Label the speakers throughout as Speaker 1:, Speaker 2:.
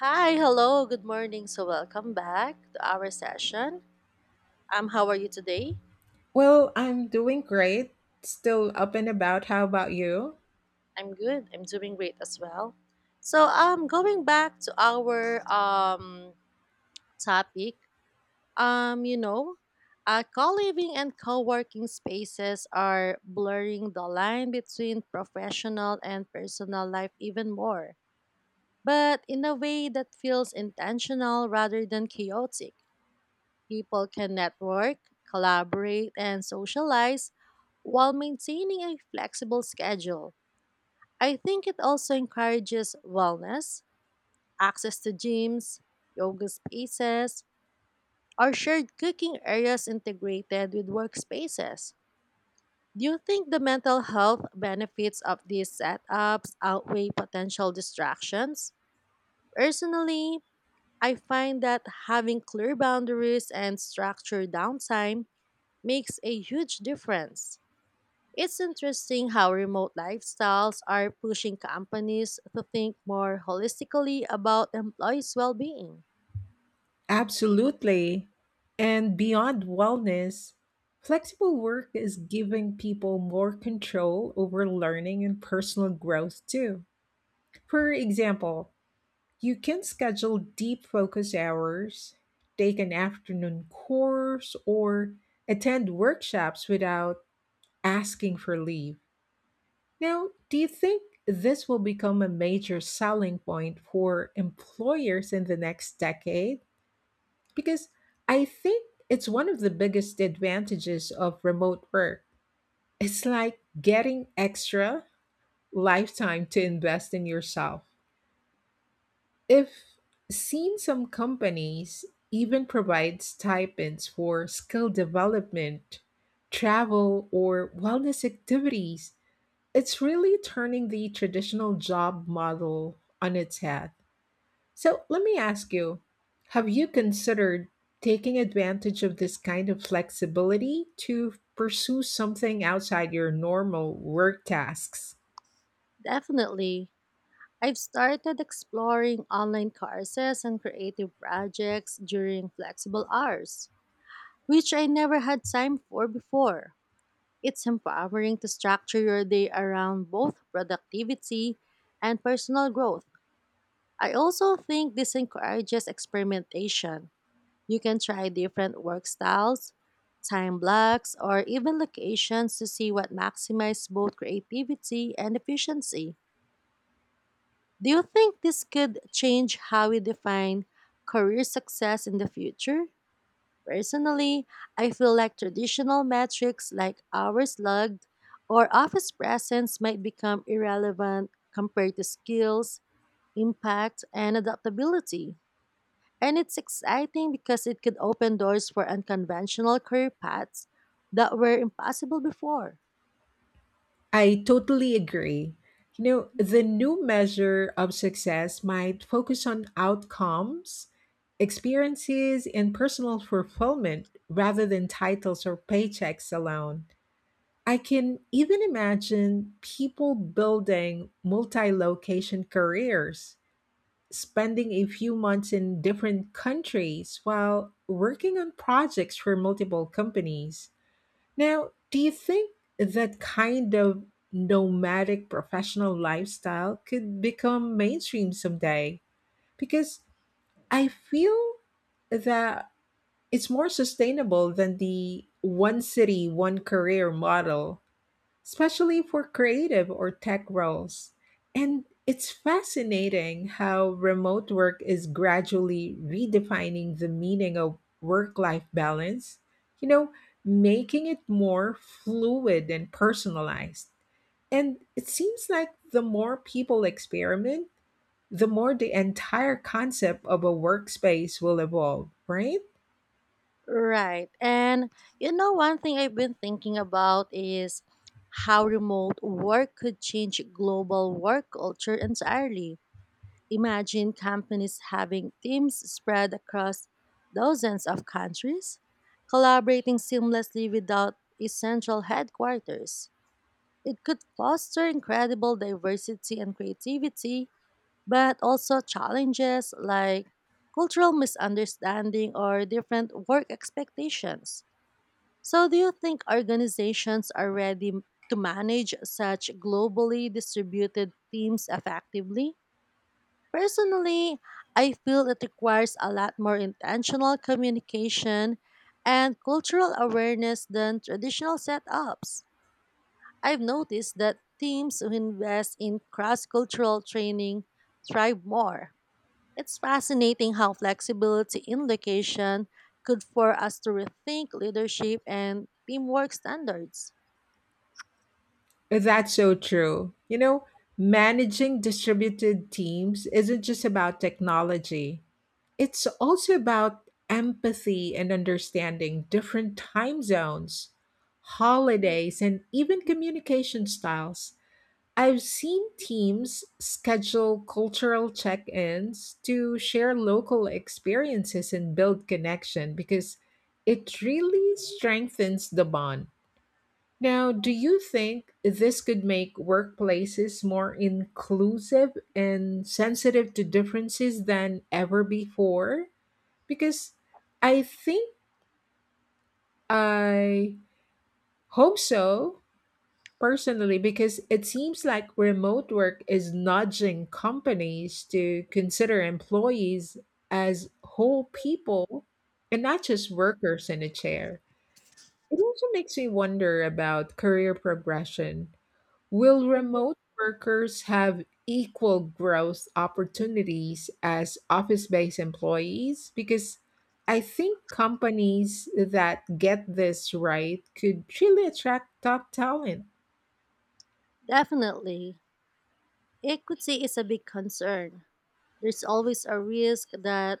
Speaker 1: Hi, hello, good morning. So, welcome back to our session. How are you today?
Speaker 2: Well, I'm doing great. Still up and about. How about you?
Speaker 1: I'm good. I'm doing great as well. So, going back to our topic, um, you know, co-living and co-working spaces are blurring the line between professional and personal life even more, but in a way that feels intentional rather than chaotic. People can network, collaborate, and socialize while maintaining a flexible schedule. I think it also encourages wellness, access to gyms, yoga spaces, or shared cooking areas integrated with workspaces. Do you think the mental health benefits of these setups outweigh potential distractions? Personally, I find that having clear boundaries and structured downtime makes a huge difference. It's interesting how remote lifestyles are pushing companies to think more holistically about employees' well being.
Speaker 2: Absolutely. And beyond wellness, flexible work is giving people more control over learning and personal growth too. For example, you can schedule deep focus hours, take an afternoon course, or attend workshops without asking for leave. Now, do you think this will become a major selling point for employers in the next decade? Because I think it's one of the biggest advantages of remote work. It's like getting extra lifetime to invest in yourself. If seen some companies even provide stipends for skill development, travel, or wellness activities, it's really turning the traditional job model on its head. So let me ask you, have you considered taking advantage of this kind of flexibility to pursue something outside your normal work tasks?
Speaker 1: Definitely. I've started exploring online courses and creative projects during flexible hours, which I never had time for before. It's empowering to structure your day around both productivity and personal growth. I also think this encourages experimentation. You can try different work styles, time blocks, or even locations to see what maximizes both creativity and efficiency. Do you think this could change how we define career success in the future? Personally, I feel like traditional metrics like hours logged or office presence might become irrelevant compared to skills, impact, and adaptability. And it's exciting because it could open doors for unconventional career paths that were impossible before.
Speaker 2: I totally agree. You know, the new measure of success might focus on outcomes, experiences, and personal fulfillment rather than titles or paychecks alone. I can even imagine people building multi location careers, spending a few months in different countries while working on projects for multiple companies. Now, do you think that kind of nomadic professional lifestyle could become mainstream someday? Because I feel that it's more sustainable than the one city, one career model, especially for creative or tech roles. And it's fascinating how remote work is gradually redefining the meaning of work life balance, you know, making it more fluid and personalized. And it seems like the more people experiment, the more the entire concept of a workspace will evolve, right?
Speaker 1: Right. And you know, one thing I've been thinking about is how remote work could change global work culture entirely. Imagine companies having teams spread across dozens of countries, collaborating seamlessly without a central headquarters. It could foster incredible diversity and creativity but also challenges like cultural misunderstanding or different work expectations. So, do you think organizations are ready to manage such globally distributed teams effectively? Personally, I feel it requires a lot more intentional communication and cultural awareness than traditional setups. I've noticed that teams who invest in cross cultural training thrive more. It's fascinating how flexibility in location could for us to rethink leadership and teamwork standards.
Speaker 2: That's so true. You know, managing distributed teams isn't just about technology, it's also about empathy and understanding different time zones, holidays, and even communication styles. I've seen teams schedule cultural check ins to share local experiences and build connection because it really strengthens the bond. Now, do you think this could make workplaces more inclusive and sensitive to differences than ever before? Because I think I hope so personally, because it seems like remote work is nudging companies to consider employees as whole people and not just workers in a chair. It also makes me wonder about career progression. Will remote workers have equal growth opportunities as office based employees? Because I think companies that get this right could really attract top talent.
Speaker 1: Definitely, equity is a big concern. There's always a risk that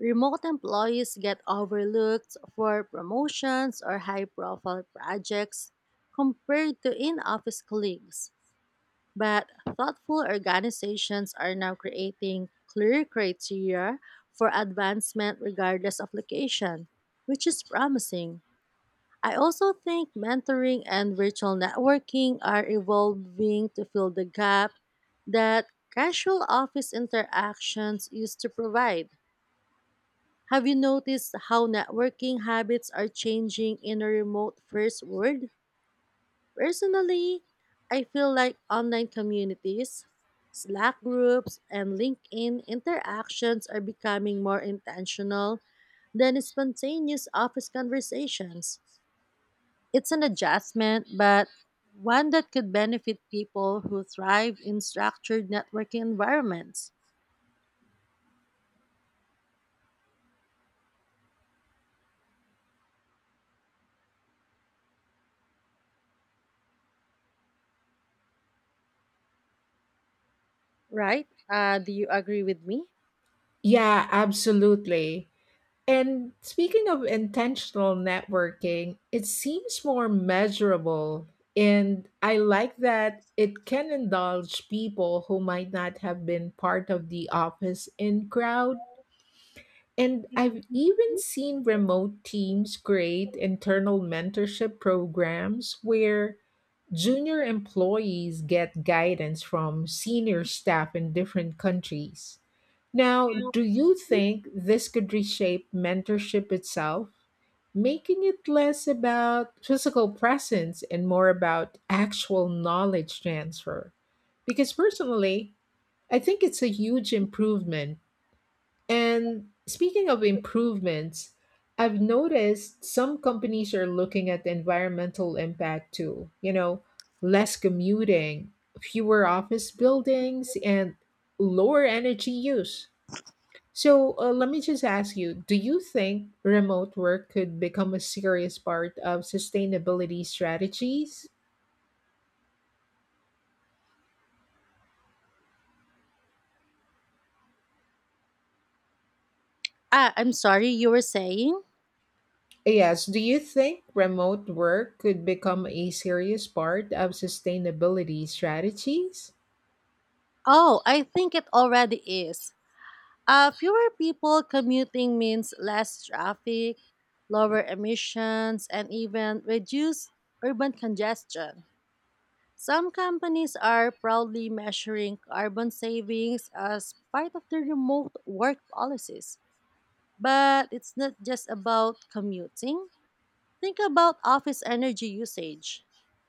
Speaker 1: remote employees get overlooked for promotions or high profile projects compared to in office colleagues. But thoughtful organizations are now creating clear criteria for advancement regardless of location, which is promising. I also think mentoring and virtual networking are evolving to fill the gap that casual office interactions used to provide. Have you noticed how networking habits are changing in a remote first world? Personally, I feel like online communities, Slack groups, and LinkedIn interactions are becoming more intentional than spontaneous office conversations. It's an adjustment, but one that could benefit people who thrive in structured networking environments. Right? Do you agree with me?
Speaker 2: Yeah, absolutely. And speaking of intentional networking, it seems more measurable. And I like that it can indulge people who might not have been part of the office in crowd. And I've even seen remote teams create internal mentorship programs where junior employees get guidance from senior staff in different countries. Now, do you think this could reshape mentorship itself, making it less about physical presence and more about actual knowledge transfer? Because personally, I think it's a huge improvement. And speaking of improvements, I've noticed some companies are looking at the environmental impact too. You know, less commuting, fewer office buildings, and lower energy use. So let me just ask you, do you think remote work could become a serious part of sustainability strategies?
Speaker 1: I'm sorry, you were saying?
Speaker 2: Yes, do you think remote work could become a serious part of sustainability strategies?
Speaker 1: Oh, I think it already is. Fewer people commuting means less traffic, lower emissions, and even reduced urban congestion. Some companies are proudly measuring carbon savings as part of their remote work policies. But it's not just about commuting. Think about office energy usage,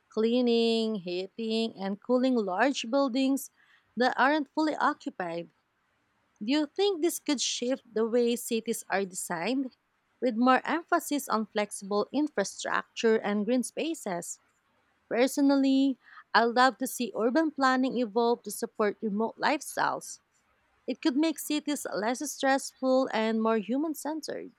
Speaker 1: cleaning, heating, and cooling large buildings that aren't fully occupied. Do you think this could shift the way cities are designed, with more emphasis on flexible infrastructure and green spaces? Personally, I love to see urban planning evolve to support remote lifestyles. It could make cities less stressful and more human centered.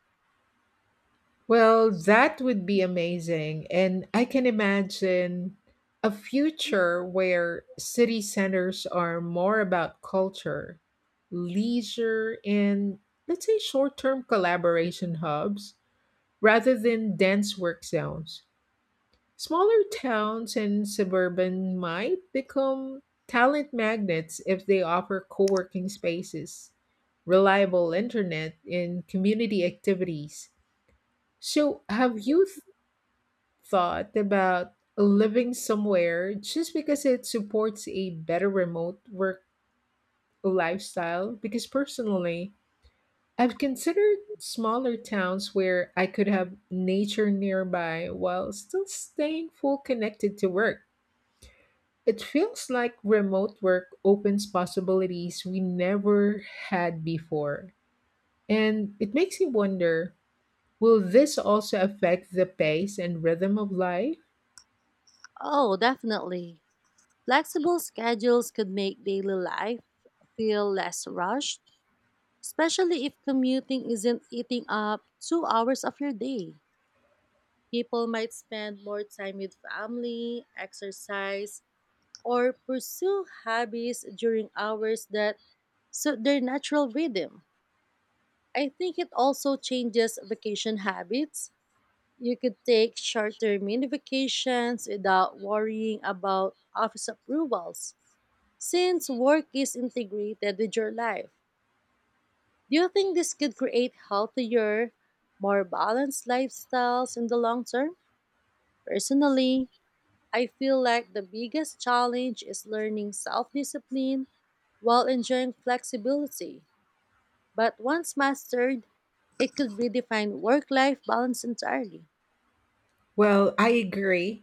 Speaker 2: Well, that would be amazing. And I can imagine a future where city centers are more about culture, leisure, and, let's say, short term collaboration hubs rather than dense work zones. Smaller towns and suburban might become talent magnets if they offer co working spaces, reliable internet, and community activities. So, have you thought about living somewhere just because it supports a better remote work lifestyle? Because personally, I've considered smaller towns where I could have nature nearby while still staying full connected to work. It feels like remote work opens possibilities we never had before. And it makes you wonder, will this also affect the pace and rhythm of life?
Speaker 1: Oh, definitely. Flexible schedules could make daily life feel less rushed, especially if commuting isn't eating up 2 hours of your day. People might spend more time with family, exercise, or pursue hobbies during hours that suit their natural rhythm. I think it also changes vacation habits. You could take shorter mini vacations without worrying about office approvals, since work is integrated with your life. Do you think this could create healthier, more balanced lifestyles in the long term? Personally, I feel like the biggest challenge is learning self discipline while enjoying flexibility. But once mastered, it could redefine work life balance entirely.
Speaker 2: Well, I agree.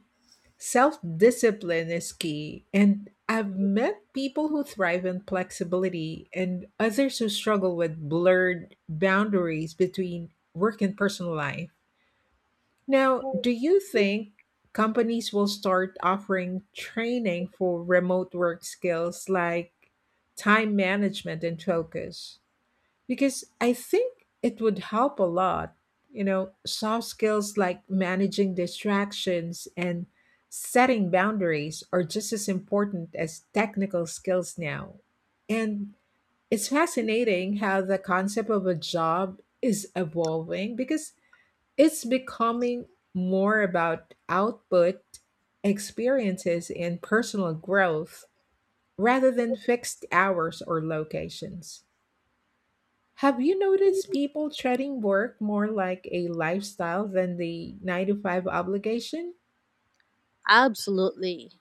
Speaker 2: Self discipline is key. And I've met people who thrive on flexibility and others who struggle with blurred boundaries between work and personal life. Now, do you think companies will start offering training for remote work skills like time management and focus? Because I think it would help a lot. You know, soft skills like managing distractions and setting boundaries are just as important as technical skills now. And it's fascinating how the concept of a job is evolving because it's becoming more about output, experiences, and personal growth rather than fixed hours or locations. Have you noticed people treating work more like a lifestyle than the nine to five obligation?
Speaker 1: Absolutely.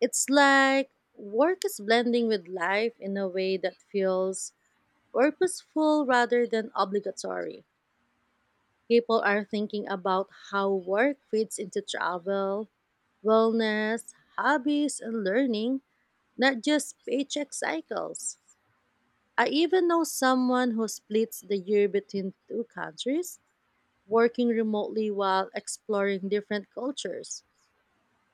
Speaker 1: It's like work is blending with life in a way that feels purposeful rather than obligatory. People are thinking about how work fits into travel, wellness, hobbies, and learning, not just paycheck cycles. I even know someone who splits the year between two countries, working remotely while exploring different cultures.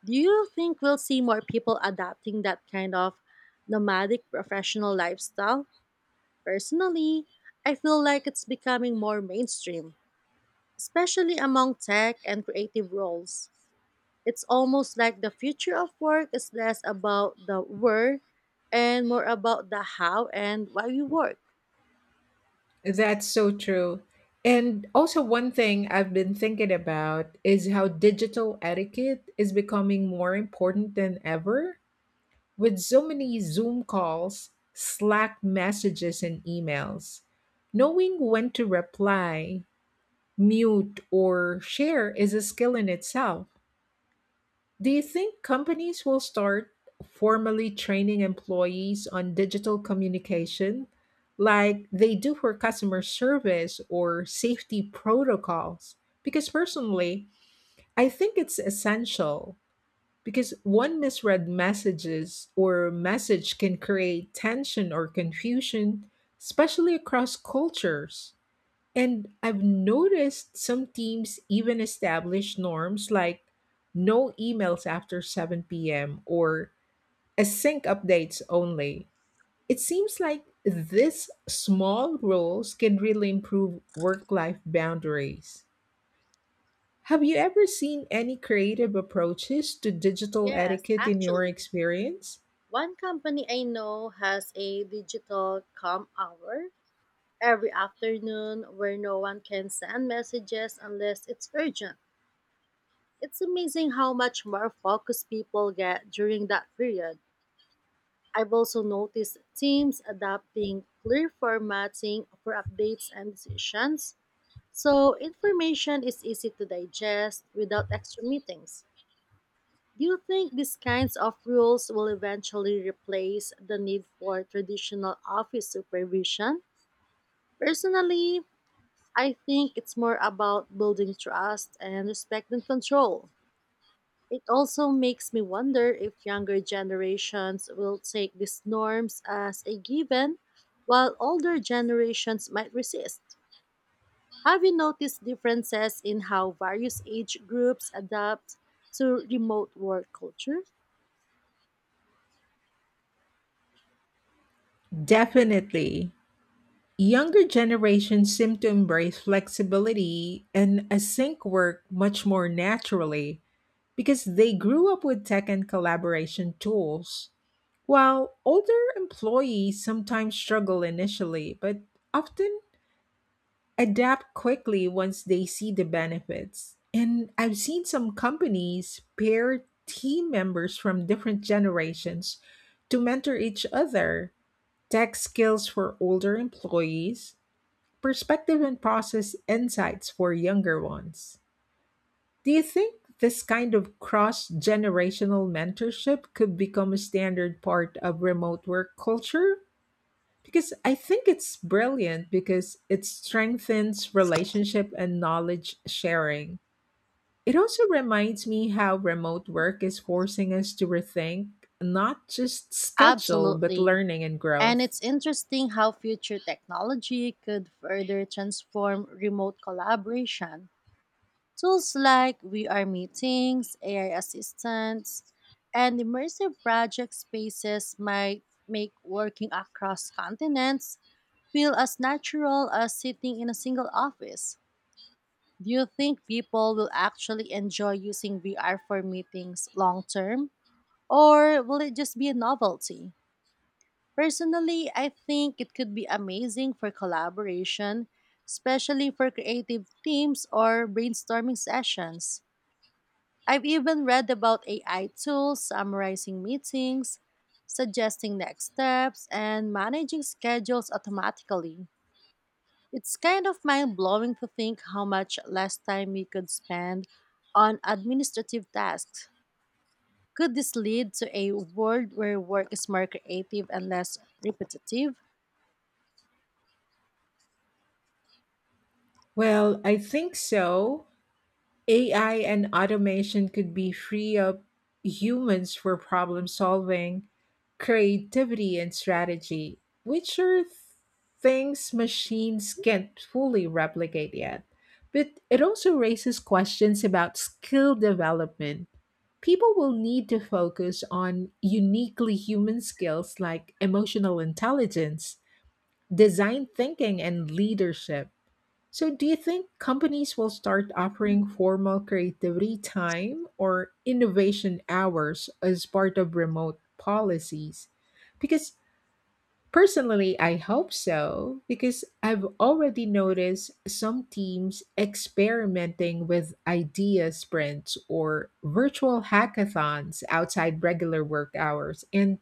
Speaker 1: Do you think we'll see more people adopting that kind of nomadic professional lifestyle? Personally, I feel like it's becoming more mainstream, especially among tech and creative roles. It's almost like the future of work is less about the where and more about the how and why we work.
Speaker 2: That's so true. And also, one thing I've been thinking about is how digital etiquette is becoming more important than ever. With so many Zoom calls, Slack messages, and emails, knowing when to reply, mute, or share is a skill in itself. Do you think companies will start formally training employees on digital communication like they do for customer service or safety protocols? Because personally, I think it's essential, because one misread messages or message can create tension or confusion, especially across cultures. And I've noticed some teams even establish norms like no emails after 7 p.m. or async updates only. It seems like these small rules can really improve work life boundaries. Have you ever seen any creative approaches to digital
Speaker 1: Yes,
Speaker 2: etiquette in your
Speaker 1: actually,
Speaker 2: experience?
Speaker 1: one company I know has a digital com hour every afternoon where no one can send messages unless it's urgent. It's amazing how much more focused people get during that period. I've also noticed teams adopting clear formatting for updates and decisions, so information is easy to digest without extra meetings. Do you think these kinds of rules will eventually replace the need for traditional office supervision? Personally, I think it's more about building trust and respect than control. It also makes me wonder if younger generations will take these norms as a given while older generations might resist. Have you noticed differences in how various age groups adapt to remote work culture?
Speaker 2: Definitely. Younger generations seem to embrace flexibility and async work much more naturally because they grew up with tech and collaboration tools. While older employees sometimes struggle initially, but often adapt quickly once they see the benefits. And I've seen some companies pair team members from different generations to mentor each other, tech skills for older employees, perspective and process insights for younger ones. Do you think this kind of cross generational mentorship could become a standard part of remote work culture? Because I think it's brilliant because it strengthens relationship and knowledge sharing. It also reminds me how remote work is forcing us to rethink not just schedule, but
Speaker 1: Absolutely.
Speaker 2: learning and
Speaker 1: And
Speaker 2: growth.
Speaker 1: it's interesting how future technology could further transform remote collaboration. Tools like VR meetings, AI assistants, and immersive project spaces might make working across continents feel as natural as sitting in a single office. Do you think people will actually enjoy using VR for meetings long term, or will it just be a novelty? Personally, I think it could be amazing for collaboration, especially for creative teams or brainstorming sessions. I've even read about AI tools summarizing meetings, suggesting next steps, and managing schedules automatically. It's kind of mind blowing to think how much less time we could spend on administrative tasks. Could this lead to a world where work is more creative and less repetitive?
Speaker 2: Well, I think so. AI and automation could be free up humans for problem solving, creativity, and strategy, which are things machines can't fully replicate yet. But it also raises questions about skill development. People will need to focus on uniquely human skills like emotional intelligence, design thinking, and leadership. So, do you think companies will start offering formal creativity time or innovation hours as part of remote policies? Because personally, I hope so, because I've already noticed some teams experimenting with idea sprints or virtual hackathons outside regular work hours. And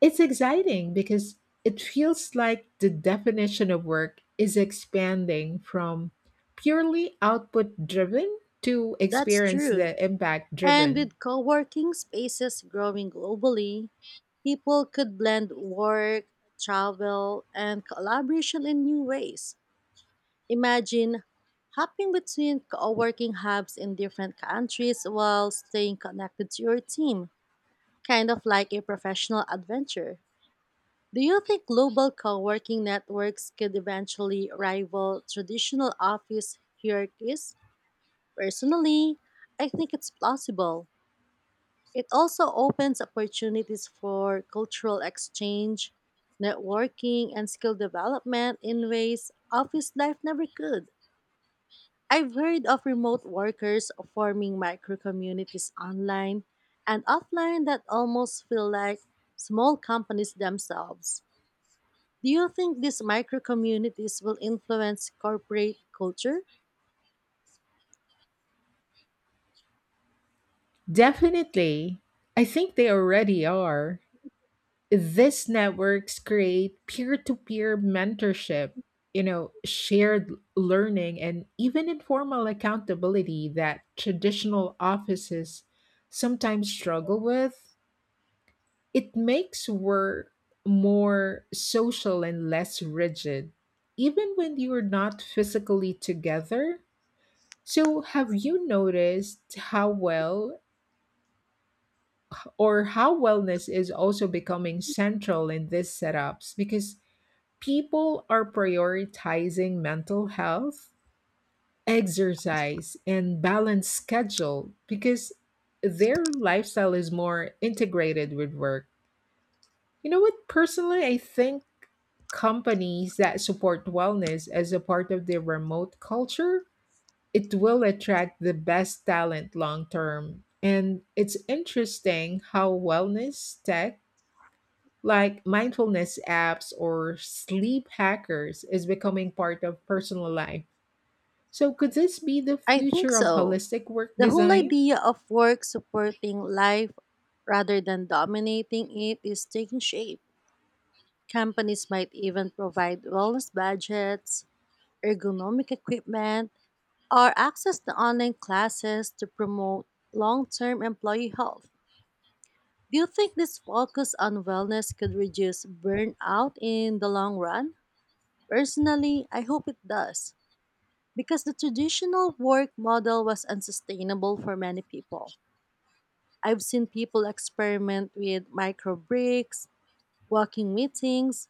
Speaker 2: it's exciting because it feels like the definition of work is expanding from purely output driven to
Speaker 1: That's
Speaker 2: experience the
Speaker 1: true.
Speaker 2: impact
Speaker 1: And
Speaker 2: driven.
Speaker 1: with co working spaces growing globally, people could blend work, travel, and collaboration in new ways. Imagine hopping between co working hubs in different countries while staying connected to your team, kind of like a professional adventure. Do you think global co working networks could eventually rival traditional office hierarchies? Personally, I think it's plausible. It also opens opportunities for cultural exchange, networking, and skill development in ways office life never could. I've heard of remote workers forming micro communities online and offline that almost feel like small companies themselves. Do you think these micro communities will influence corporate culture?
Speaker 2: Definitely. I think they already are. These networks create peer to peer mentorship, you know, shared learning, and even informal accountability that traditional offices sometimes struggle with. It makes work more social and less rigid, even when you're not physically together. So, have you noticed how well or how wellness is also becoming central in these setups? Because people are prioritizing mental health, exercise, and balanced schedule because their lifestyle is more integrated with work. You know what? Personally, I think companies that support wellness as a part of their remote culture, it will attract the best talent long term. And it's interesting how wellness tech like mindfulness apps or sleep hackers is becoming part of personal life. So could this be the
Speaker 1: I think
Speaker 2: future of
Speaker 1: so.
Speaker 2: holistic work
Speaker 1: The whole
Speaker 2: design?
Speaker 1: idea of work supporting life rather than dominating it is taking shape. Companies might even provide wellness budgets, ergonomic equipment, or access to online classes to promote long term employee health. Do you think this focus on wellness could reduce burnout in the long run? Personally, I hope it does, because the traditional work model was unsustainable for many people. I've seen people experiment with micro breaks, walking meetings,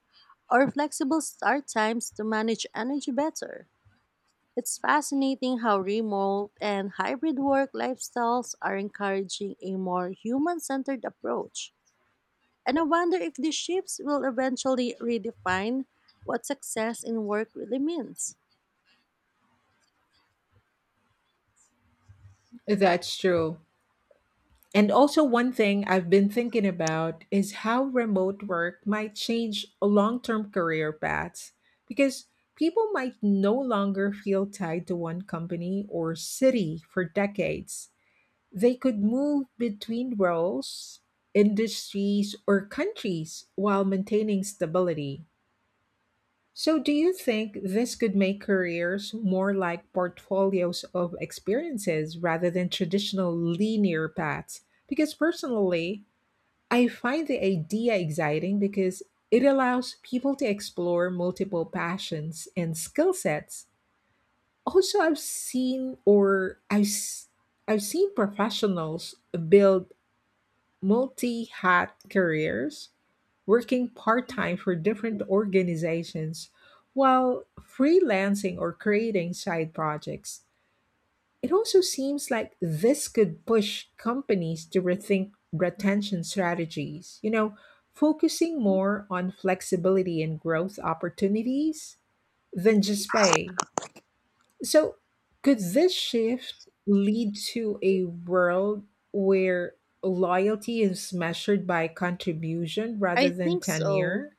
Speaker 1: or flexible start times to manage energy better. It's fascinating how remote and hybrid work lifestyles are encouraging a more human centered approach. And I wonder if these shifts will eventually redefine what success in work really means.
Speaker 2: That's true. And also, one thing I've been thinking about is how remote work might change long term career paths because people might no longer feel tied to one company or city for decades. They could move between roles, industries, or countries while maintaining stability. So, do you think this could make careers more like portfolios of experiences rather than traditional linear paths? Because personally, I find the idea exciting because it allows people to explore multiple passions and skill sets. Also, I've seen or I've, s- I've seen professionals build multi hat careers, working part time for different organizations while freelancing or creating side projects. It also seems like this could push companies to rethink retention strategies, you know, focusing more on flexibility and growth opportunities than just pay. So, could this shift lead to a world where loyalty is measured by contribution rather
Speaker 1: I
Speaker 2: than
Speaker 1: think so.
Speaker 2: tenure?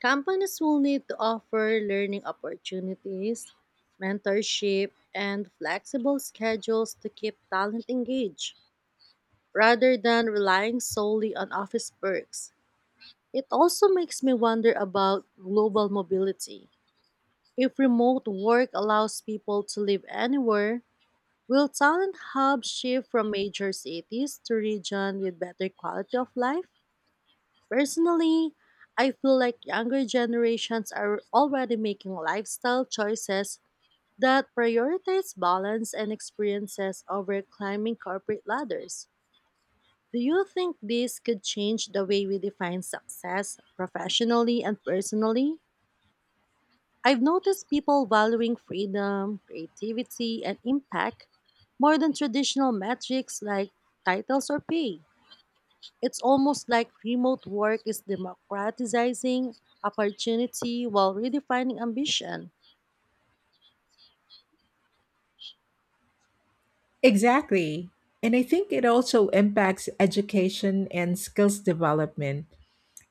Speaker 1: Companies will need to offer learning opportunities, mentorship, and flexible schedules to keep talent engaged, rather than relying solely on office perks. It also makes me wonder about global mobility. If remote work allows people to live anywhere, will talent hubs shift from major cities to regions with better quality of life? Personally, I feel like younger generations are already making lifestyle choices that prioritize balance and experiences over climbing corporate ladders. Do you think this could change the way we define success professionally and personally? I've noticed people valuing freedom, creativity, and impact more than traditional metrics like titles or pay. It's almost like remote work is democratizing opportunity while redefining ambition.
Speaker 2: Exactly. And I think it also impacts education and skills development.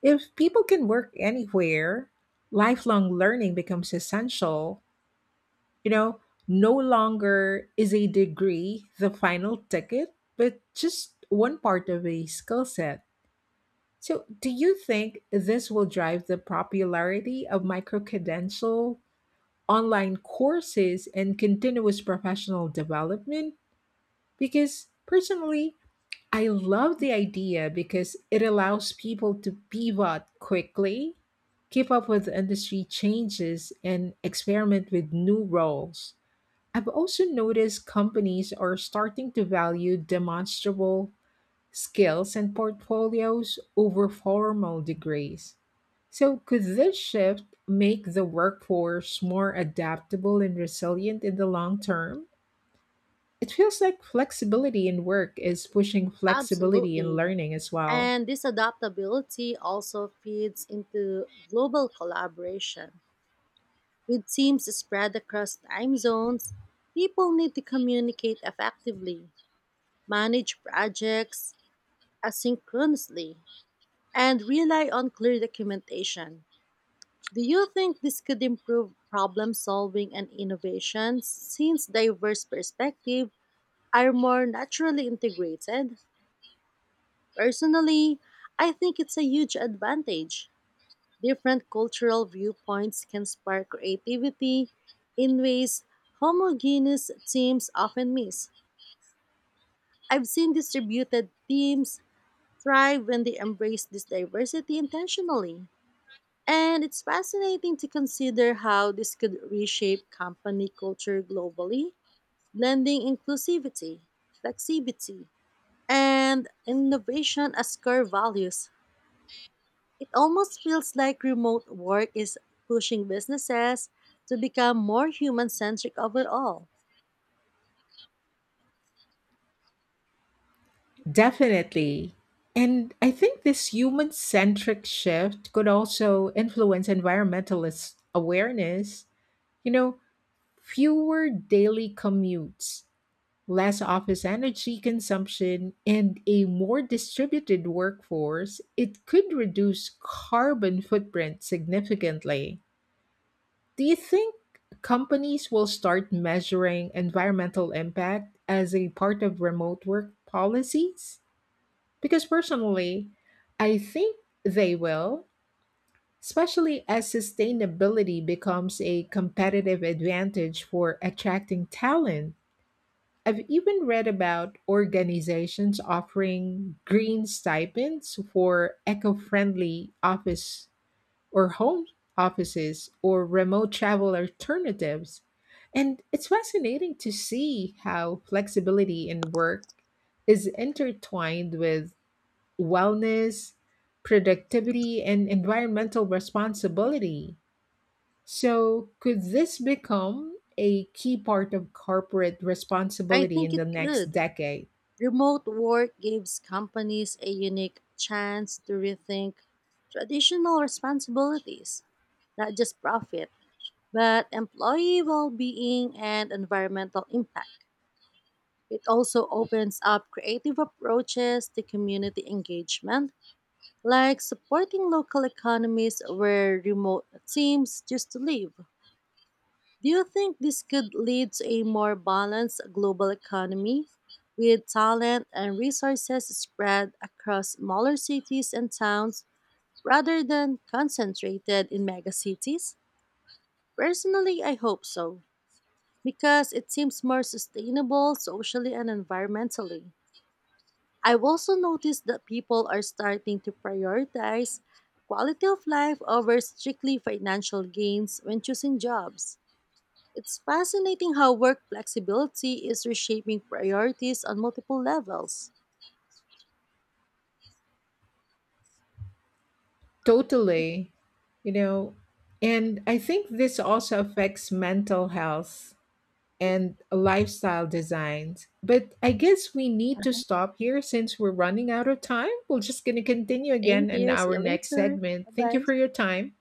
Speaker 2: If people can work anywhere, lifelong learning becomes essential. You know, no longer is a degree the final ticket, but just one part of a skill set. So, do you think this will drive the popularity of microcredential online courses and continuous professional development? Because personally, I love the idea because it allows people to pivot quickly, keep up with industry changes, and experiment with new roles. I've also noticed companies are starting to value demonstrable skills and portfolios over formal degrees. So, could this shift make the workforce more adaptable and resilient in the long term? It feels like flexibility in work is pushing flexibility in
Speaker 1: Absolutely.
Speaker 2: learning as well.
Speaker 1: And this adaptability also feeds into global collaboration. With teams spread across time zones, people need to communicate effectively, manage projects asynchronously, and rely on clear documentation. Do you think this could improve problem solving and innovation since diverse perspectives are more naturally integrated? Personally, I think it's a huge advantage. Different cultural viewpoints can spark creativity in ways homogeneous teams often miss. I've seen distributed teams thrive when they embrace this diversity intentionally. And it's fascinating to consider how this could reshape company culture globally, blending inclusivity, flexibility, and innovation as core values. It almost feels like remote work is pushing businesses to become more human centric overall.
Speaker 2: Definitely. And I think this human centric shift could also influence environmentalist awareness. You know, fewer daily commutes, less office energy consumption, and a more distributed workforce, it could reduce carbon footprint significantly. Do you think companies will start measuring environmental impact as a part of remote work policies? Because personally, I think they will, especially as sustainability becomes a competitive advantage for attracting talent. I've even read about organizations offering green stipends for eco friendly office or home offices or remote travel alternatives. And it's fascinating to see how flexibility in work is intertwined with wellness, productivity, and environmental responsibility. So, could this become a key part of corporate
Speaker 1: I
Speaker 2: responsibility
Speaker 1: think
Speaker 2: in the
Speaker 1: it
Speaker 2: next
Speaker 1: could.
Speaker 2: decade?
Speaker 1: Remote work gives companies a unique chance to rethink traditional responsibilities, not just profit, but employee well-being and environmental impact. It also opens up creative approaches to community engagement, like supporting local economies where remote teams just live. Do you think this could lead to a more balanced global economy with talent and resources spread across smaller cities and towns rather than concentrated in megacities? Personally, I hope so, because it seems more sustainable socially and environmentally. I've also noticed that people are starting to prioritize quality of life over strictly financial gains when choosing jobs. It's fascinating how work flexibility is reshaping priorities on multiple levels.
Speaker 2: Totally, you know, and I think this also affects mental health and lifestyle designs. But I guess we need to stop here since we're running out of time. We're just going to continue again
Speaker 1: Thank
Speaker 2: in
Speaker 1: you. See
Speaker 2: our
Speaker 1: you
Speaker 2: next
Speaker 1: later.
Speaker 2: segment.
Speaker 1: Bye
Speaker 2: Thank you
Speaker 1: bye.
Speaker 2: for your time.